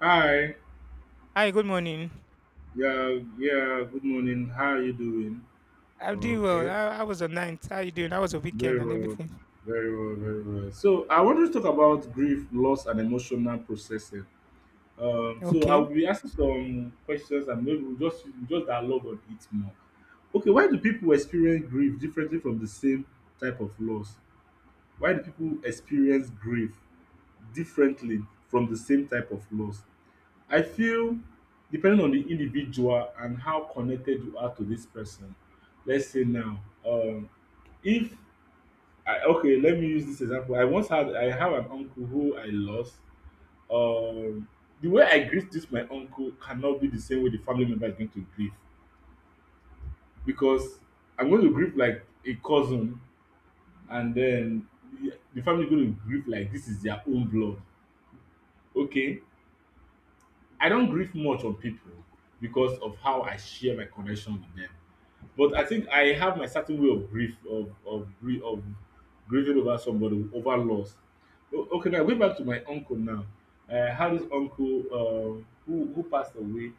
Hi. Hi, good morning. Yeah. Good morning. How are you doing? I'm Oh, doing well. okay. I was the night? How you doing? How was a weekend Very and well. everything? Very well. So I want to talk about grief, loss, and emotional processing. So I will Okay. be asking some questions, and maybe we'll just dialogue on it more. Okay. Why do people experience grief differently from the same type of loss? Why do people experience grief differently from the same type of loss? I feel depending on the individual and how connected you are to this person. Let's say now, um, if okay, let me use this example. I once had I have an uncle who I lost. Um, the way I greet this my uncle cannot be the same way the family member is going to grieve because I'm going to grieve like a cousin, and then the family is going to grieve like this is their own blood. Okay, I don't grieve much on people because of how I share my connection with them. But I think I have my certain way of grief of grieving over somebody over loss. Okay, now going back to my uncle now. I had this uncle who passed away.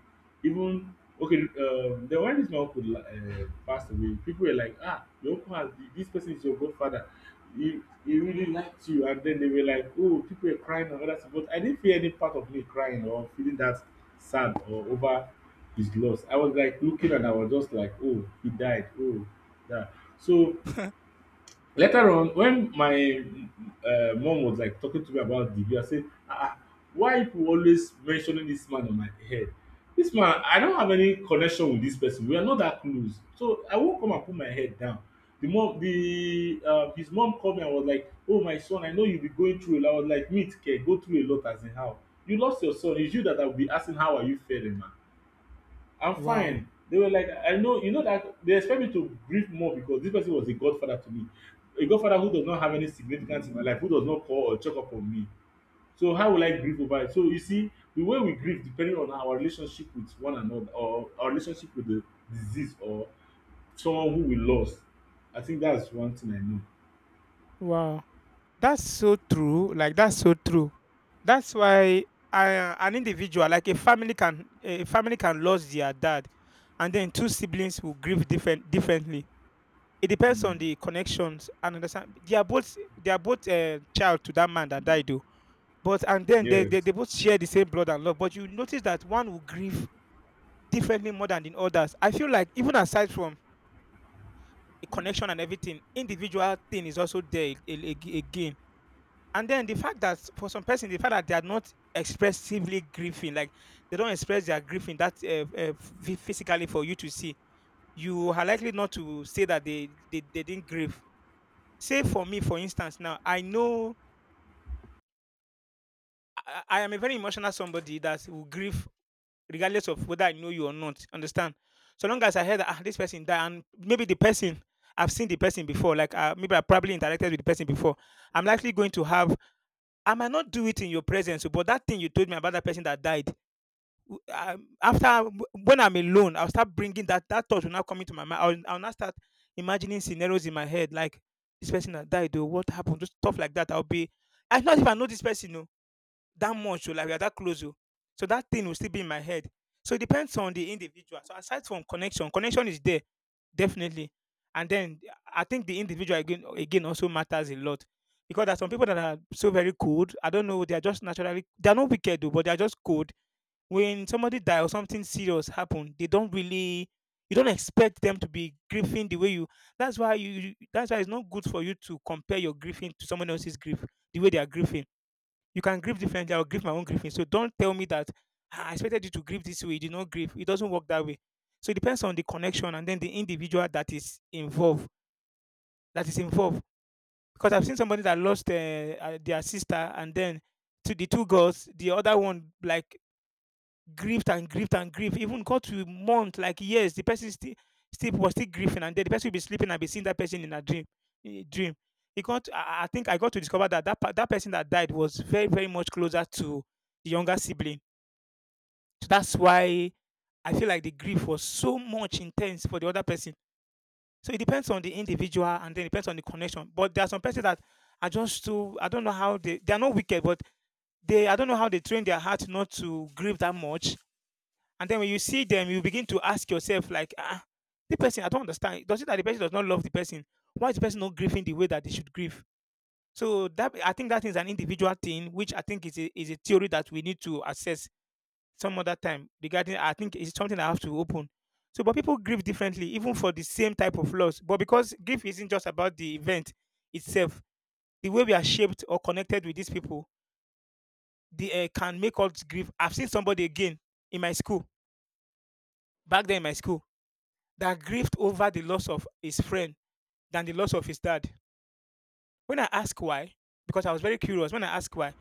Even okay, then when this my uncle passed away, people were like, ah, your uncle has this person is your godfather. He really liked you, and then they were like, oh, people were crying and all that. But I didn't feel any part of me crying or feeling that sad or over is lost. I was like looking and I was just like, oh, he died. Oh, yeah. So later on, when my mom was like talking to me about the, I said, why people always mentioning this man on my head? This man, I don't have any connection with this person. We are not that close. So I won't come and put my head down. The mom, the His mom called me and was like, "Oh my son, I know you'll be going through a lot." I was like, "Meet, can go through a lot as in how you lost your son. It's you that I'll be asking how are you faring, man. I'm Wow. fine." They were like, I know, you know that they expect me to grieve more because this person was a godfather to me. A godfather who does not have any significance in my life, who does not call or check up on me. So how will I grieve over it? So you see, the way we grieve depending on our relationship with one another or our relationship with the disease or someone who we lost. I think that's one thing I know. Wow. That's so true. Like that's so true. That's why I, an individual, like a family can lose their dad, and then two siblings will grieve differently. It depends on Mm. the connections and understand. They are both child to that man that died, though. But and then Yes. They both share the same blood and love. But you notice that one will grieve differently more than in others. I feel like even aside from the connection and everything, individual thing is also there again. And then the fact that for some person, the fact that they are not expressively grieving, like they don't express their grieving that physically for you to see, you are likely not to say that they didn't grieve. Say for me, for instance, now I know I am a very emotional somebody that will grieve regardless of whether I know you or not. Understand? So long as I heard that this person died, and maybe the person I've seen the person before, like maybe I probably interacted with the person before, I'm likely going to have. I might not do it in your presence, but that thing you told me about that person that died. After when I'm alone, I'll start bringing that thought will now come into my mind. I'll now start imagining scenarios in my head like this person that died, though, what happened, just stuff like that. I not if I know this person, no that much, oh, like we are that close. Oh. So that thing will still be in my head. So it depends on the individual. So aside from connection, connection is there, definitely. And then I think the individual again, again also matters a lot. Because there are some people that are so very cold. I don't know, they are just naturally they are not wicked though, but they are just cold. When somebody die or something serious happen, they don't really you don't expect them to be grieving the way you that's why that's why it's not good for you to compare your grieving to someone else's grief, the way they are grieving you can grieve differently. I'll grieve my own grieving. So don't tell me that, "Ah, I expected you to grieve this way. You did not grieve. It doesn't work that way." So it depends on the connection and then the individual that is involved. That is involved. Because I've seen somebody that lost their sister and then to the two girls, the other one like grieved and grieved and grieved, even got to month, like years. The person still still was still grieving, and then the person will be sleeping and be seeing that person in a dream. Dream. It got. I think I got to discover that that person that died was very very much closer to the younger sibling. So that's why I feel like the grief was so much intense for the other person. So it depends on the individual, and then it depends on the connection. But there are some persons that are just too. I don't know how they. They are not wicked, but they. I don't know how they train their heart not to grieve that much, and then when you see them, you begin to ask yourself, like, ah, the person, I don't understand. Does it that the person does not love the person? Why is the person not grieving the way that they should grieve? So that I think that is an individual thing, which I think is is a theory that we need to assess some other time regarding I think it's something I have to open. So but people grieve differently, even for the same type of loss. But because grief isn't just about the event itself, the way we are shaped or connected with these people, they can make us grieve. I've seen somebody again in my school, back then in my school, that grieved over the loss of his friend than the loss of his dad. When I asked why, because I was very curious, when I asked why,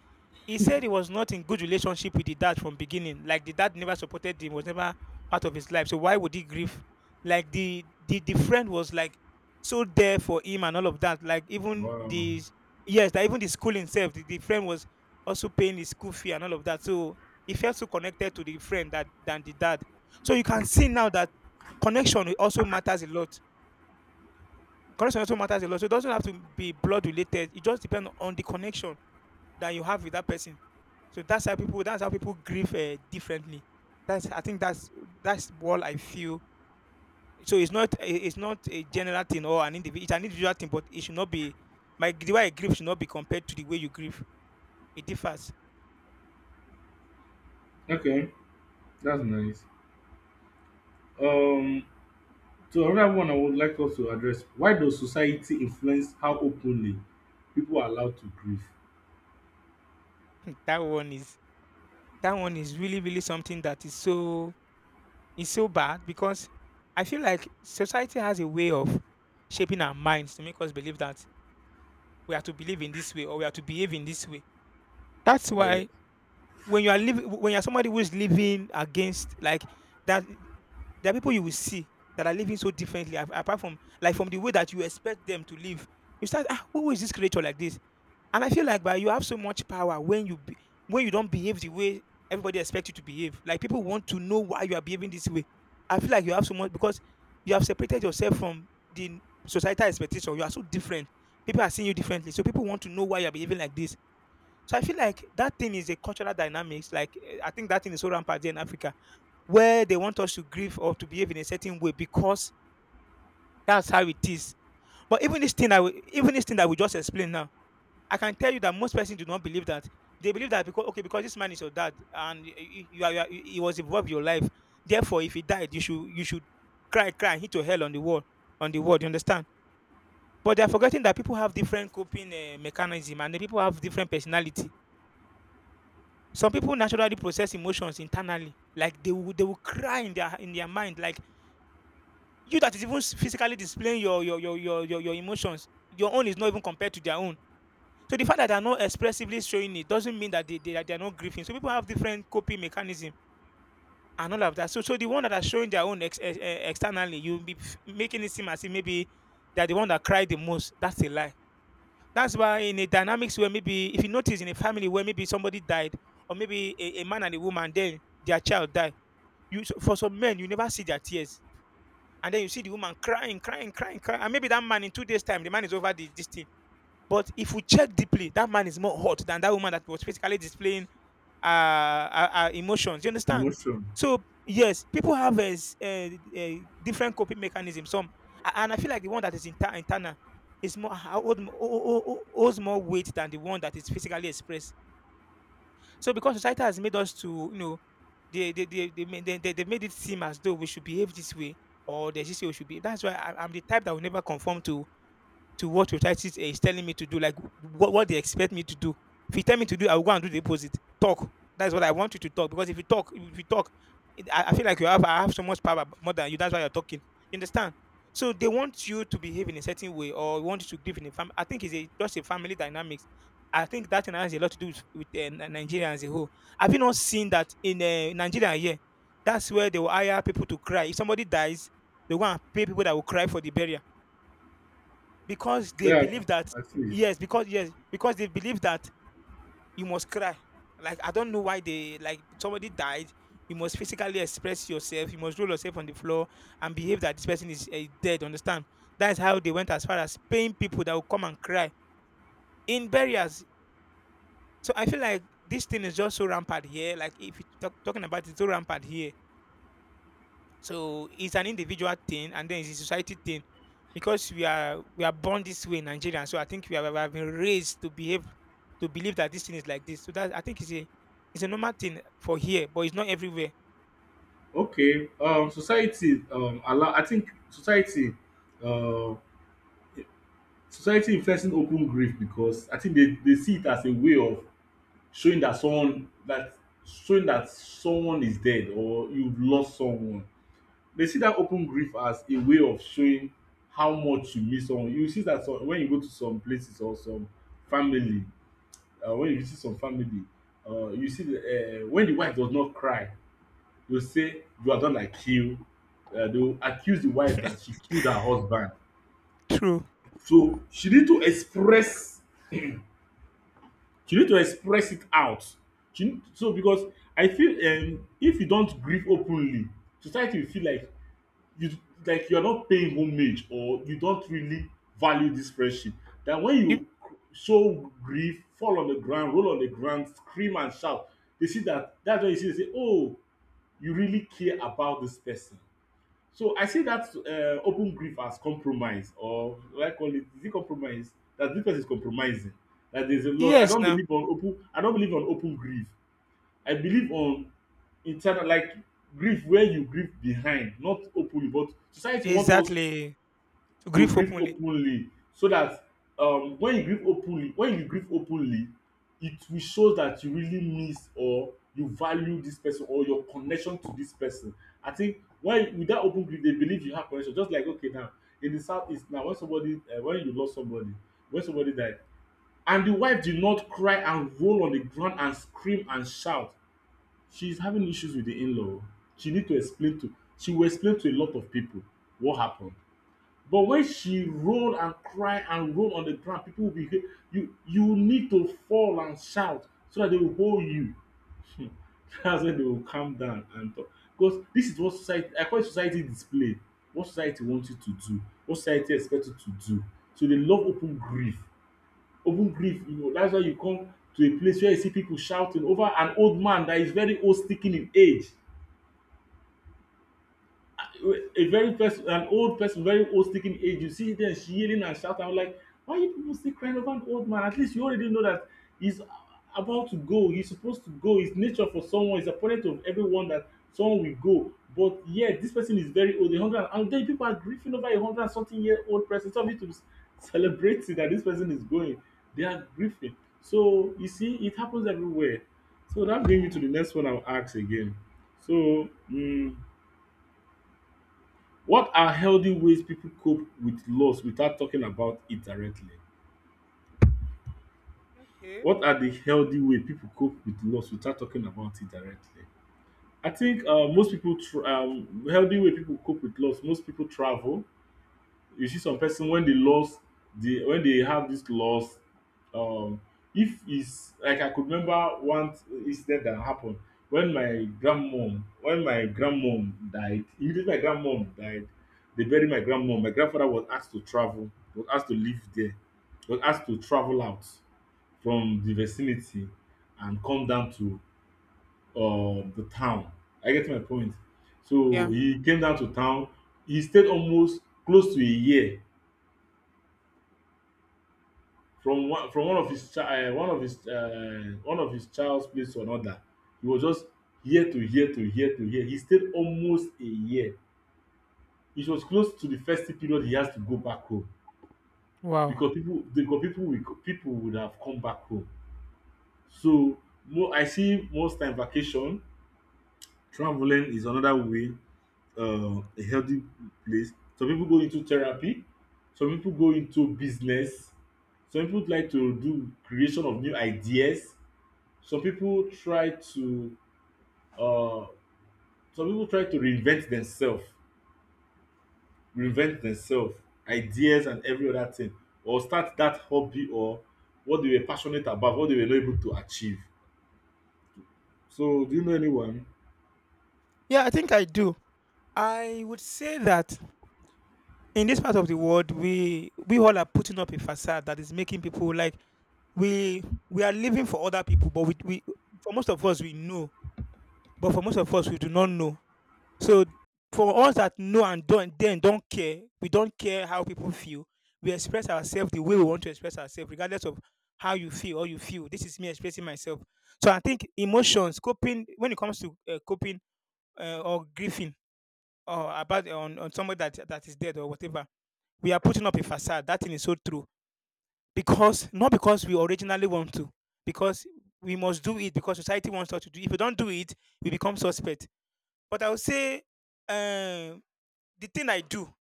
he said he was not in good relationship with the dad from beginning. Like the dad never supported him, was never part of his life. So why would he grieve? Like the friend was like so there for him and all of that. Like even Wow. the yes, that even the school itself, the friend was also paying his school fee and all of that. So he felt so connected to the friend that than the dad. So you can see now that connection also matters a lot. Correction also matters a lot. So it doesn't have to be blood related. It just depends on the connection that you have with that person. So that's how people. That's how people grieve differently. That's. I think that's what I feel. So it's not. It's not a general thing or an individual. It's an individual thing, but it should not be. My the way I grieve should not be compared to the way you grieve. It differs. Okay. That's nice. Um So another one I would like us to address, why does society influence how openly people are allowed to grieve? That one is. That one is really really something that is so. Is so bad because I feel like society has a way of shaping our minds to make us believe that we have to believe in this way or we have to behave in this way. That's Yeah, why when you are living, when you're somebody who is living against like that, there are people you will see that are living so differently. Apart from like from the way that you expect them to live, you start ah, who is this creature like this? And I feel like but you have so much power when you be, when you don't behave the way everybody expects you to behave. Like people want to know why you are behaving this way. I feel like you have so much because you have separated yourself from the societal expectation. You are so different. People are seeing you differently, so people want to know why you are behaving like this. So I feel like that thing is a cultural dynamics. Like I think that thing is so rampant here in Africa, where they want us to grieve or to behave in a certain way because that's how it is. But even this thing, I even this thing that we just explained now I can tell you that most persons do not believe that. They believe that because okay, because this man is your dad, and you are he was involved in your life. Therefore, if he died, you should cry, cry, and hit your hell on the wall, on the wall. You understand? But they are forgetting that people have different coping mechanism, and the people have different personality. Some people naturally process emotions internally, like they will cry in their mind, like you that is even physically displaying your emotions. Your own is not even compared to their own. So the fact that they're not expressively showing it doesn't mean that they are not grieving. So people have different coping mechanism and all of that. So so the one that are showing their own externally, you'll be making it seem as if maybe they're the one that cried the most. That's a lie. That's why in a dynamics where maybe if you notice in a family where maybe somebody died or maybe a man and a woman then their child died, you so for some men you never see their tears. And then you see the woman crying, crying, crying, crying. And maybe that man in 2 days' time, the man is over the, this thing but if we check deeply, that man is more hot than that woman that was physically displaying emotions. You understand? emotion. So yes, people have different coping mechanism. Some, and I feel like the one that is internal is more holds more weight than the one that is physically expressed. So because society has made us to, you know, they, ma- they made it seem as though we should behave this way or there's this way we should behave. That's why I'm the type that will never conform to what Otitis is telling me to do, like what they expect me to do. If you tell me to do, I will go and do the opposite. Talk. That's what I want you to talk. Because if you talk, I feel like you have I have so much power more than you. That's why you're talking. You understand? So they want you to behave in a certain way, or want you to live in a family. I think it's just a family dynamics. I think that thing has a lot to do with Nigeria as a whole. Have you not seen that in Nigeria here? That's where they will hire people to cry. If somebody dies, they will go and pay people that will cry for the burial because they Yes, believe that I see. yes, because they believe that you must cry. Like, I don't know why, they like somebody died, you must physically express yourself, you must roll yourself on the floor and behave that this person is dead. Understand? That's how they went as far as paying people that will come and cry in barriers. So I feel like this thing is just so rampant here. Like, if you talk, talking about it, it's so rampant here. So it's an individual thing, and then it's a society thing, because we are born this way in Nigeria. So I think we have been raised to behave, to believe that this thing is like this. So that I think it's a normal thing for here, but it's not everywhere. Okay, society allow. I think uh, society influencing open grief because I think they see it as a way of showing that someone that showing that someone is dead or you've lost someone. They see that open grief as a way of showing how much you miss someone. You will see that some, when you go to some places or family, when you visit some family, you see when the wife does not cry, they will say you are done like kill. They will accuse the wife that she killed her husband. True. So she need to express it out. So because I feel if you don't grieve openly, society will feel like you like you're not paying homage or you don't really value this friendship. That when You, you show grief, fall on the ground, roll on the ground, scream and shout, they see that. That's when you see they say, oh, you really care about this person. So I see that open grief as compromise, or will I call it, is it compromise that this person is compromising? That there's a lot. Yes. Now, I don't believe on open grief. I believe on internal like grief where you grieve behind, not openly. But society want us exactly, to to grieve grieve openly. openly. So that when you grieve openly, when you grieve openly, it will show that you really miss or you value this person or your connection to this person. I think when with that open grief, they believe you have connection. Just like okay, now in the south east now, when somebody when you lost somebody, when somebody died and the wife did not cry and roll on the ground and scream and shout, she's having issues with the in-law. She need to explain to She will explain to a lot of people what happened. But when she roll and cry and roll on the ground, people will be, you need to fall and shout so that they will hold you. Hmm. That's when they will calm down and talk. Because this is what society, I call it society display. What society wants you to do, what society expect you to do. So they love open grief. Even grief, you know, that's why you come to a place where you see people shouting over an old man that is very old speaking in age. A very person, an old person, very old speaking age. You see them yelling and shouting. I'm like, why you people still crying over an old man? At least you already know that he's about to go. He's supposed to go. It's nature for someone. It's appointed of everyone that someone will go. But yeah, this person is very old, a hundred, and then people are grieving over a hundred and something year old person. Some of you to celebrating that this person is going, they are grieving. So you see, it happens everywhere. So that brings me to the next one I'll ask again. So, what are healthy ways people cope with loss without talking about it directly? Okay. What are the healthy way people cope with loss without talking about it directly? I think most people healthy way people cope with loss, most people travel. You see some person when they lost the when they have this loss, um, if it's like, I could remember one incident that happened when my grandmom died. Immediately my grandmom died, they buried my grandmom. My grandfather was asked to travel, was asked to live there, was asked to travel out from the vicinity and come down to the town. I get my point. So Yeah. he came down to town. He stayed almost close to a year from one of his child one of his child's place to another. He was just here. He stayed almost a year. It was close to the festive period, he has to go back home Wow. because people will, people would have come back home. So mo I see most time vacation, traveling is another way, a healthy place. Some people go into therapy. Some people go into business. Some people like to do creation of new ideas. Some people try to uh reinvent themselves, reinvent themselves ideas and every other thing, or start that hobby or what they were passionate about, what they were not able to achieve. So do you know anyone? Yeah, I think I do. I would say that in this part of the world, we all are putting up a facade that is making people like we are living for other people, but we for most of us we know, but for most of us we do not know. So for us that know and don't care, we don't care how people feel. We express ourselves the way we want to express ourselves, regardless of how you feel or you feel. This is me expressing myself. So I think emotions, coping when it comes to coping or grieving or about on somebody that is dead or whatever, we are putting up a facade. That thing is so true, because not because we originally want to, because we must do it because society wants us to do it. If we don't do it, we become suspect. But I would say, um the thing I do,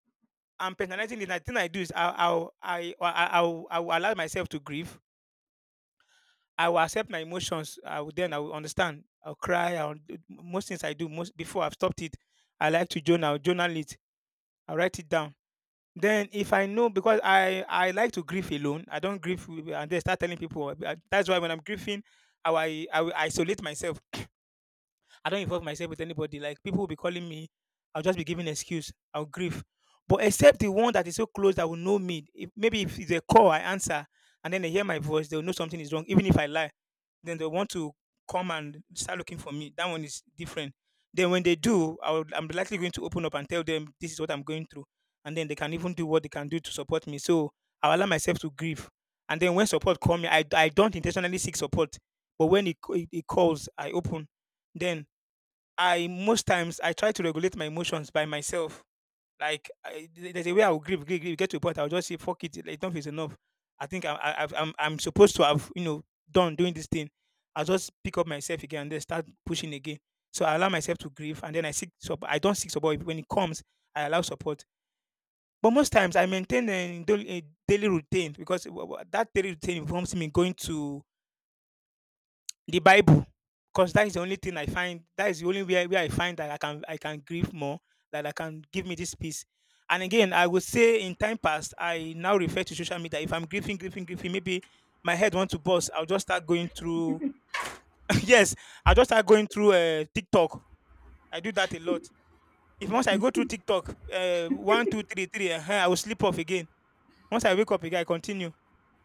I'm personalizing it. The thing I do is I I'll, I I'll, I will allow myself to grieve. I will accept my emotions. I will understand. I'll cry. Most things I do most before I've stopped it. I like to journal. I'll journal it. I'll write it down. Then if I know, because I like to grieve alone, I don't grieve and then start telling people. That's why when I'm grieving, I will isolate myself. I don't involve myself with anybody. Like, people will be calling me, I'll just be giving excuse. I'll grieve, but except the one that is so close that will know me. If, maybe if it's a call, I answer, and then they hear my voice, they'll know something is wrong, even if I lie. Then they want to come and start looking for me. That one is different. Then when they do, I'm likely going to open up and tell them this is what I'm going through, and then they can even do what they can do to support me. So I allow myself to grieve, and then when support comes, I don't intentionally seek support, but when it calls, I open. Then I most times I try to regulate my emotions by myself. There's a way I will grieve, grieve, grieve. Get to a point, I'll just say, "Fuck it, like, enough is enough." I think I'm, I, I've- I'm supposed to have, done doing this thing. I'll just pick up myself again and then start pushing again. So I allow myself to grieve, and then I seek support. I don't seek support when it comes. I allow support, but most times I maintain a daily routine, because that daily routine involves me going to the Bible, because that is the only thing I find. That is the only way where I find that I can grieve more, that I can give me this peace. And again, I would say in time past, I now refer to social media. If I'm grieving, grieving, grieving, maybe my head wants to bust. I'll just start going through. Yes, I'll just start going through TikTok. I do that a lot. If once I go through TikTok, one, two, three, three, I will sleep off again. Once I wake up again, I continue.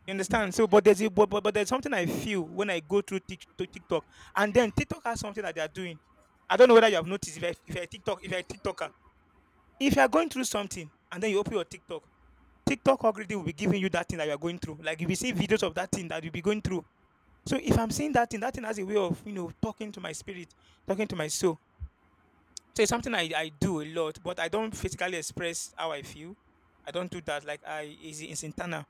You understand? So, but there's a, but there's something I feel when I go through TikTok, and then TikTok has something that they are doing. I don't know whether you have noticed. If I TikTok, if I TikToker, If you are going through something and then you open your TikTok, TikTok already will be giving you that thing that you are going through, like if you see videos of that thing that you'll be going through. So if I'm seeing that thing has a way of talking to my spirit, talking to my soul. So it's something I do a lot, but I don't physically express how I feel. I don't do that. Like, I is, it's internal.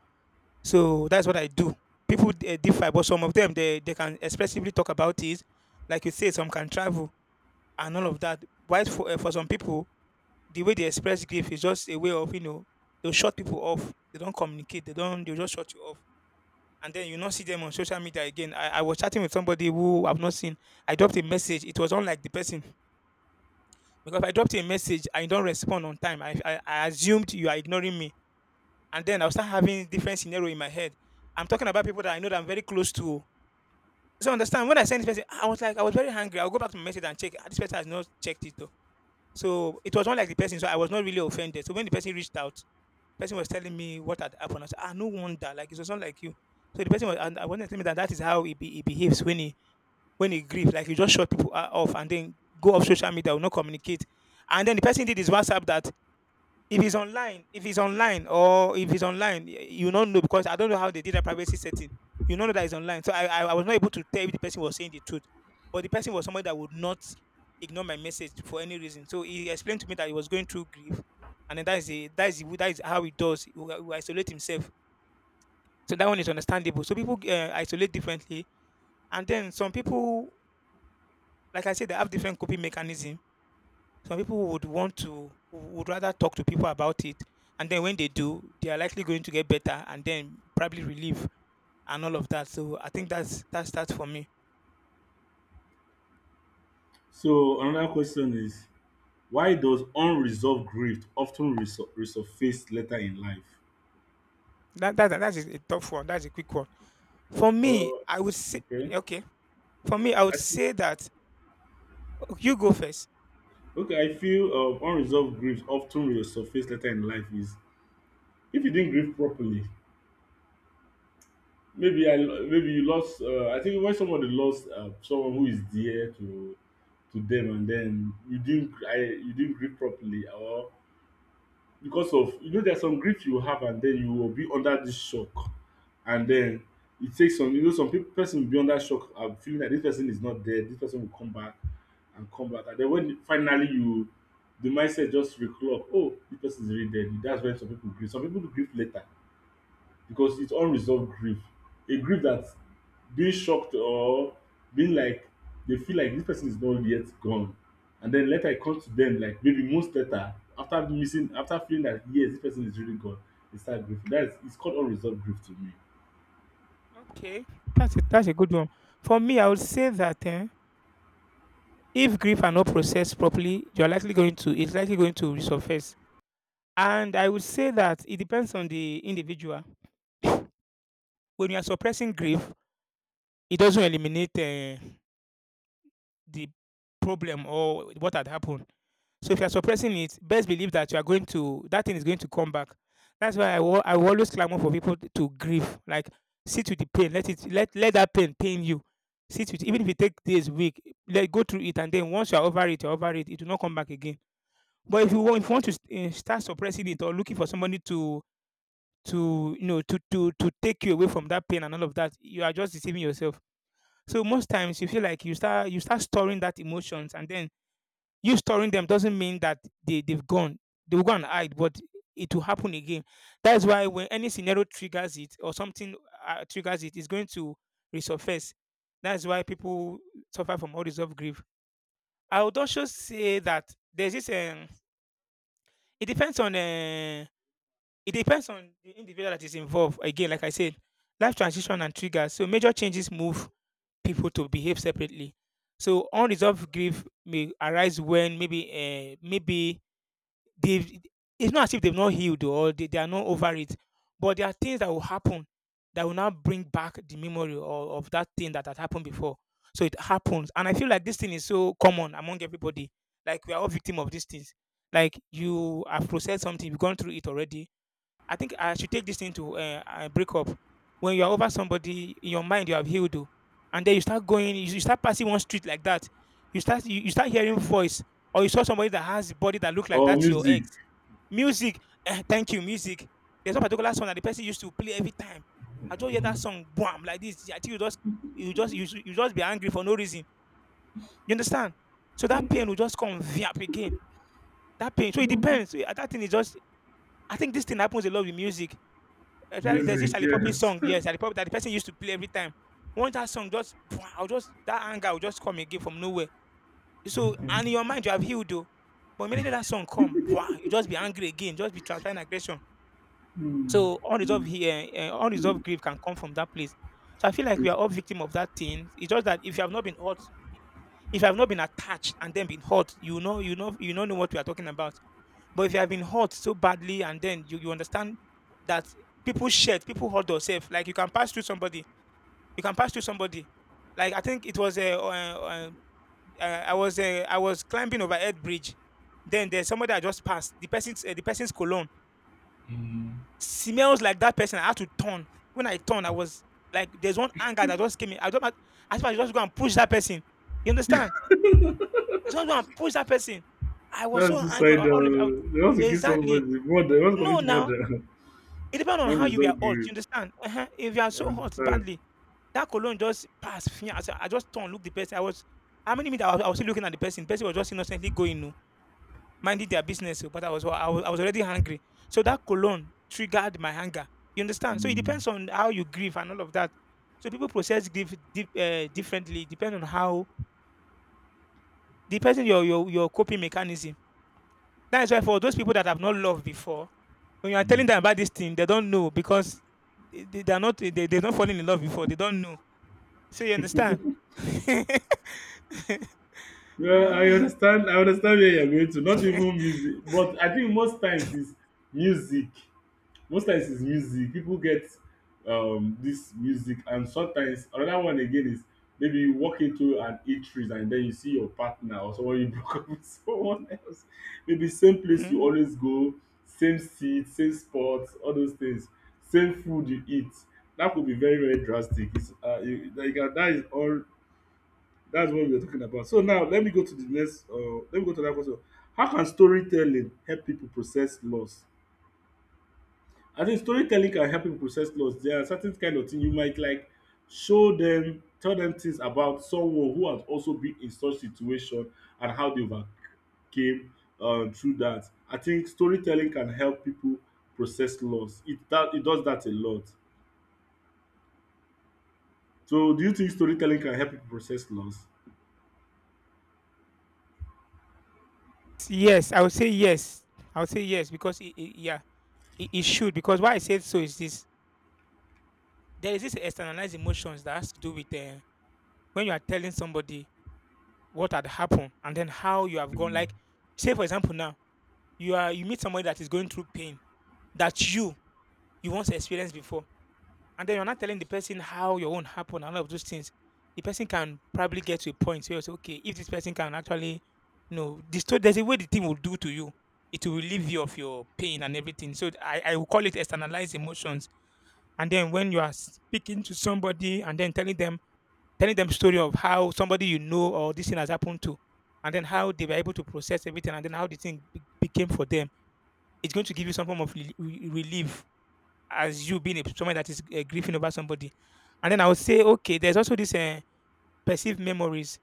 So that's what I do. People differ, but some of them, they can expressively talk about it. Like you say, some can travel and all of that. While for some people, the way they express grief is just a way of they'll shut people off. They don't communicate. They don't. They will just shut you off, and then you not see them on social media again. I was chatting with somebody who I've not seen. I dropped a message. It was unlike the person, because I dropped a message and you don't respond on time. I assumed you are ignoring me, and then I'll start having different scenario in my head. I'm talking about people that I know that I'm very close to. So understand, when I sent this person, I was like, I was very angry. I'll go back to my message and check. "Ah, this person has not checked it though." So it was not like the person, so I was not really offended. So when the person reached out, the person was telling me what had happened. I said, ah, no wonder, like it was not like you. So the person was, and I wasn't, telling me that that is how he behaves when he grieves. Like, you just shut people off and then go off social media, will not communicate. And then the person did his WhatsApp that if it's online, you not know, because I don't know how they did a privacy setting. You don't know that it's online. So I was not able to tell if the person was saying the truth. But the person was somebody that would not ignore my message for any reason. So he explained to me that he was going through grief. And then that is how he does. He will isolate himself. So that one is understandable. So people isolate differently. And then some people, like I said, they have different coping mechanism. Some people would want to would rather talk to people about it, and then when they do, they are likely going to get better, and then probably relief and all of that. So I think that's that for me. So another question is, why does unresolved grief often resur- resurface later in life? That's a tough one. That's a quick one. For me, Oh, I would say. okay. Okay. For me, I would I see. say that. Okay, you go first. Okay, I feel unresolved grief often resurface later in life is if you didn't grieve properly. Maybe you lost. I think when somebody lost someone who is dear to them, and then you didn't grieve properly, or because of, you know, there's some grief you have, and then you will be under this shock. And then it takes some, you know, some people, person will be under shock and feeling that this person is not dead, this person will come back, and then when finally you, the mindset just reclock, oh, this person is really dead. That's when some people grieve. Some people do grieve later because it's unresolved grief. A grief that being shocked or being like, they feel like this person is not yet gone. And then later I come to them like maybe months later, after missing, after feeling that yes, this person is really gone, they start grieving. That is, it's called unresolved grief to me. Okay, that's a good one. For me, I would say that if grief are not processed properly, you're likely going to it's likely going to resurface. And I would say that it depends on the individual. When you are suppressing grief, it doesn't eliminate the problem or what had happened. So if you're suppressing it, best believe that you are going to that thing is going to come back. That's why I will always clamor for people to grieve. Like, sit with the pain, let it let let that pain pain you. Sit with, even if it take days, week, let go through it, and then once you're over it, you're over it. It will not come back again. But if you want to start suppressing it or looking for somebody to you know to take you away from that pain and all of that, you are just deceiving yourself. So most times you feel like you start storing that emotions, and then you storing them doesn't mean that they've gone. They will go and hide, but it will happen again. That's why when any scenario triggers it or something triggers it, it's going to resurface. That's why people suffer from unresolved grief. I would also say that there's this. It depends on. Uh, it depends on the individual that is involved. Again, like I said, life transition and triggers. So major changes move people to behave separately. So unresolved grief may arise when maybe they it's not as if they've not healed or they are not over it, but there are things that will happen that will now bring back the memory, or of that thing that had happened before. So it happens, and I feel like this thing is so common among everybody. Like, we are all victim of these things. Like, you have processed something, you've gone through it already. I think I should take this thing to, break up. When you are over somebody in your mind, you have healed, oh, and then you start passing one street like that. You start hearing voice, or you saw somebody that has body that look like Or that's your music. ex. Music, thank you, music. There's one particular song that the person used to play every time. I just hear that song, bam, like this. I think you just be angry for no reason. You understand? So that pain will just come up again. That pain. So it depends. I think it's just. I think this thing happens a lot with music. Actually, there's this Music, Ali Puppi yes. song, yes, Ali Puppi that the person used to play every time. Once that song just, I'll just that anger will just come again from nowhere. So, and in your mind you have healed though, but immediately that song come, wow, you just be angry again, just be transferring aggression. Mm, So mm, unresolved grief can come from that place. So I feel like we are it's- all victim of that thing. It's just that if you have not been hurt, if you have not been attached and then been hurt, you don't know what we are talking about. But if you have been hurt so badly and then you understand that people shed, people hurt themselves. Like, you can pass through somebody, you can pass through somebody. Like, I think I was climbing over Ed Bridge. Then there's somebody I just passed. The person's cologne mm, smells like that person. I had to turn. When I turned, I was like, there's one anger that just came in. I don't. I thought I just go and push that person. You understand? I just go and push that person. I was so That's angry. All of, I, was- suicidal. They want to kill exactly. somebody. Murder. They want to No, commit now, murder. it depends on how you were Unresolved hurt, you grief. understand? Uh-huh. If you are I so hurt understand. badly, that cologne just passed. Fia, I just turned, looked the person. I was, how many minutes I was still looking at the person. The person was just innocently going, no, minding their business. Oh, but I was already hungry. So that cologne triggered my hunger. You understand? So it mm, depends on how you grieve and all of that. So people process grief differently, depending on how the person your coping mechanism. That is why for those people that have not loved before, when you are telling mm. them about this thing, they don't know because they are not they, they don't falling in love before. They don't know. So you understand? Yeah, I understand. I understand where you're going to. Not even music, but I think most times is music. Most times is music. People get this music, and sometimes another one again is maybe you walk into an eatery and then you see your partner or someone you broke up with someone else. Maybe same place you Hmm. always go, same seat, same spot, all those things, same food you eat. That could be very very drastic. It's you, like that is all that's what we were talking about. So now let me go to the next. Let me go to that question. How can storytelling help people process loss? I think storytelling can help people process loss. There are certain kind of thing you might like show them, tell them things about someone who has also been in such situation and how they overcame through that. I think storytelling can help people process loss. It that it does that a lot. So do you think storytelling can help people process loss? Yes, I would say yes. I would say yes because yeah, it should, because why I said so is this: there is this externalized emotions that has to do with, when you are telling somebody what had happened and then how you have gone. Mm. Like, say for example, now you meet somebody that is going through pain that you once experienced before. And then you're not telling the person how your own happened and all of those things. The person can probably get to a point where it's okay, if this person can actually, destroy, there's a way the thing will do to you. It will relieve you of your pain and everything. So I will call it externalized emotions. And then when you are speaking to somebody and then telling them, story of how somebody you know or this thing has happened to, and then how they were able to process everything and then how the thing became for them, it's going to give you some form of relief as you being someone that is grieving over somebody. And then I would say, okay, there's also this perceived memories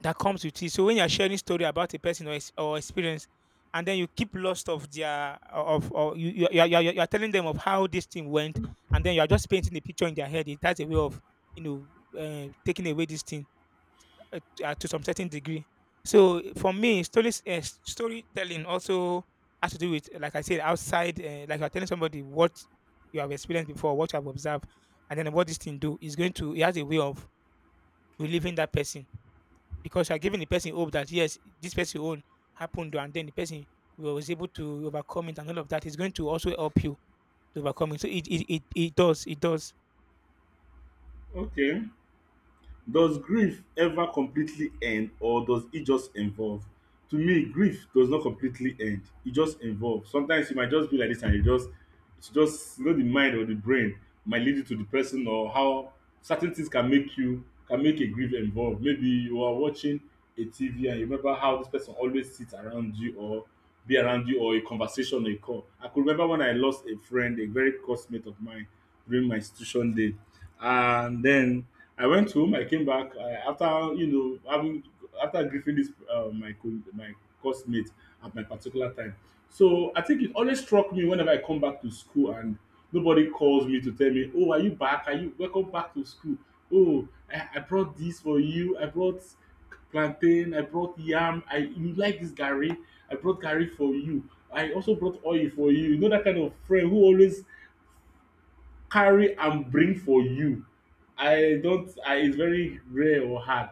that comes with it. So when you're sharing story about a person, or experience, and then you keep lost of their of or you are telling them of how this thing went, and then you are just painting a picture in their head. That's a way of, you know taking away this thing, to some certain degree. So for me, storytelling also has to do with, like I said, outside. Like, you're telling somebody what you have experienced before, what you have observed, and then what this thing do is going to. It has a way of relieving that person, because you're giving the person hope that yes, this person own happened, and then the person was able to overcome it, and all of that is going to also help you to overcome it. So it does, it does. Okay. Does grief ever completely end or does it just evolve? To me, grief does not completely end. It just evolves. Sometimes you might just be like this and you just it's just you know the mind or the brain might lead you to the person or how certain things can make you can make a grief involved. Maybe you are watching a TV and you remember how this person always sits around you or be around you or a conversation or a call. I could remember when I lost a friend, a very close mate of mine during my institution day. And then I went home. I came back after you know having after grieving this my course mate at my particular time. So I think it always struck me whenever I come back to school and nobody calls me to tell me, "Oh, are you back? Are you welcome back to school? Oh, I brought this for you. I brought plantain. I brought yam. I you like this gari? I brought gari for you. I also brought oil for you. You know that kind of friend who always carry and bring for you. I don't. I it's very rare or hard.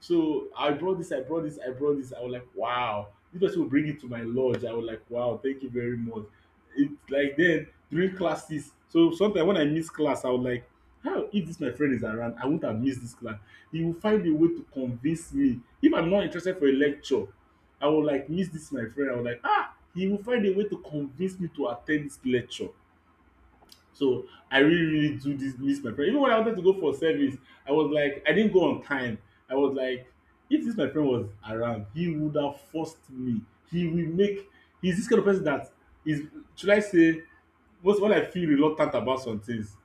So I brought this. I brought this. I brought this. I was like, wow. This person will bring it to my lodge. I was like, wow. Thank you very much. It's like then during classes. So sometimes when I miss class, I was like, how if this my friend is around, I wouldn't have missed this class. He will find a way to convince me. If I'm not interested for a lecture, I will like miss this my friend. I was like, ah, he will find a way to convince me to attend this lecture. So I really really do this miss my friend. Even when I wanted to go for service, I was like I didn't go on time. I was like, if this my friend was around, he would have forced me. He will make he's this kind of person that is should I say most when I feel reluctant about some things,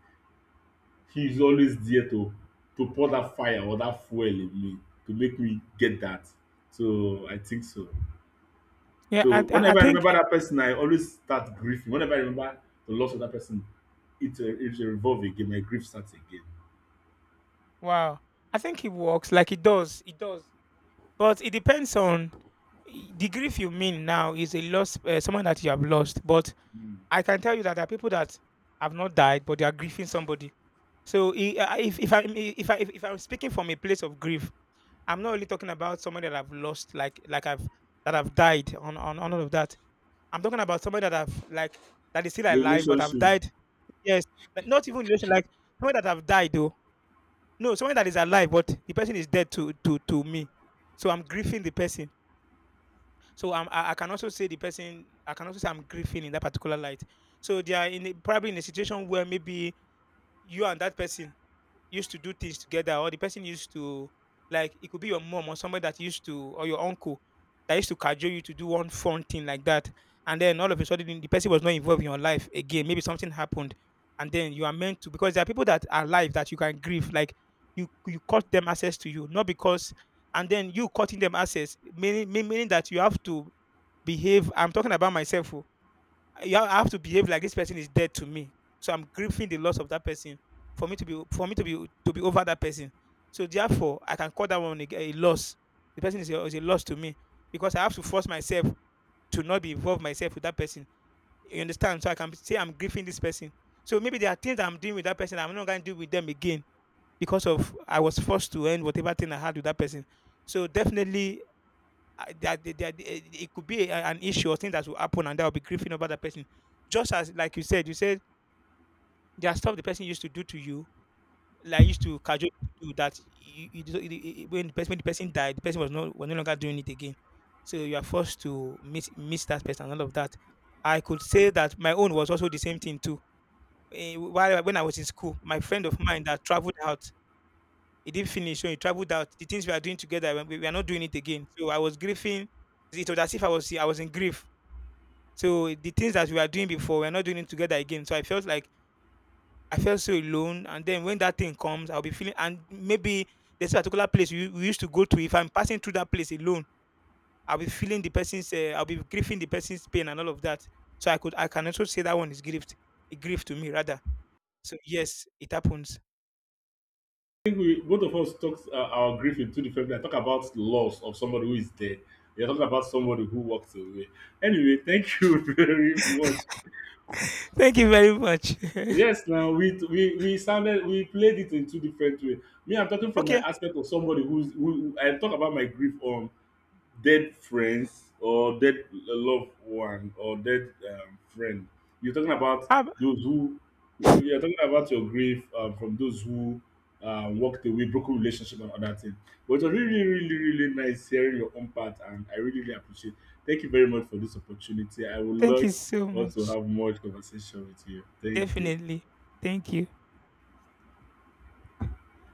he's always there to pour that fire or that fuel in me to make me get that. So I think so. Yeah, I So I I whenever I think, remember that person, I always start grieving. Whenever I remember the loss of that person, it's a revolving. Again. My grief starts again. wow. I think it works. Like, it does. It does. But it depends on, the grief you mean now is a loss, someone that you have lost. But Mm. I can tell you that there are people that have not died, but they are grieving somebody. So, I- if I if I if I'm speaking from a place of grief, I'm not only talking about somebody that I've lost, like, I've that I've died on all of that. I'm talking about somebody that I've, like, that is still The alive, but I've relationship. died. Yes, but not even relation, like, someone that I've died though. No, someone that is alive, but the person is dead to me. So I'm grieving the person. So I can also say I'm grieving in that particular light. So they are in a, probably in a situation where maybe you and that person used to do things together, or the person used to, like, it could be your mom or somebody that used to, or your uncle that used to cajole you to do one fun thing like that. And then all of a sudden, the person was not involved in your life again. Maybe something happened, and then you are meant to, because there are people that are alive that you can grieve. Like, you cut them access to you, not because, and then you cutting them access, meaning, meaning that you have to behave. I'm talking about myself. Oh, yeah, I have to behave like this person is dead to me. So I'm grieving the loss of that person, for me to be for me to be over that person. So therefore, I can call that one a loss. The person is a loss to me, because I have to force myself to not be involved myself with that person. You understand? So I can say I'm grieving this person. So maybe there are things I'm doing with that person, I'm not going to do with them again, because of I was forced to end whatever thing I had with that person. So definitely, I- that they- that it could be an issue or thing that will happen, and that will be grieving over the person. Just as like you said there are stuff the person used to do to you, like, used to casually do that you, do- you- you- when the person died, the person was no longer doing it again. So you are forced to miss that person and all of that. I could say that my own was also the same thing too. While when I was in school, my friend of mine that traveled out, he didn't finish, so he traveled out. The things we are doing together, we are not doing it again. So I was grieving. It was as if I was in grief. So the things that we were doing before, we're not doing it together again. So I felt like I felt so alone. And then when that thing comes, I'll be feeling, and maybe this particular place we used to go to, if I'm passing through that place alone, I'll be feeling the person's. I'll be grieving the person's pain and all of that. So I can also say that one is grief, a grief to me rather. So yes, it happens. I think we both of us talked our grief in two different. Ways. I talk about loss of somebody who is dead. You're talking about somebody who walked away. Anyway, thank you very much. Thank you very much. Yes, now we sounded we played it in two different ways. Me, I'm talking from my Okay. aspect of somebody who's who I talk about my grief on dead friends or dead loved one or dead friend. You're talking about how those who you're talking about your grief from those who walked away, broken relationship and other thing. But it was really, really, really nice hearing your own part, and I really, really appreciate. Thank you very much for this opportunity. I would Thank you like so also much. have more conversation with you. Thank you. Definitely. Thank you.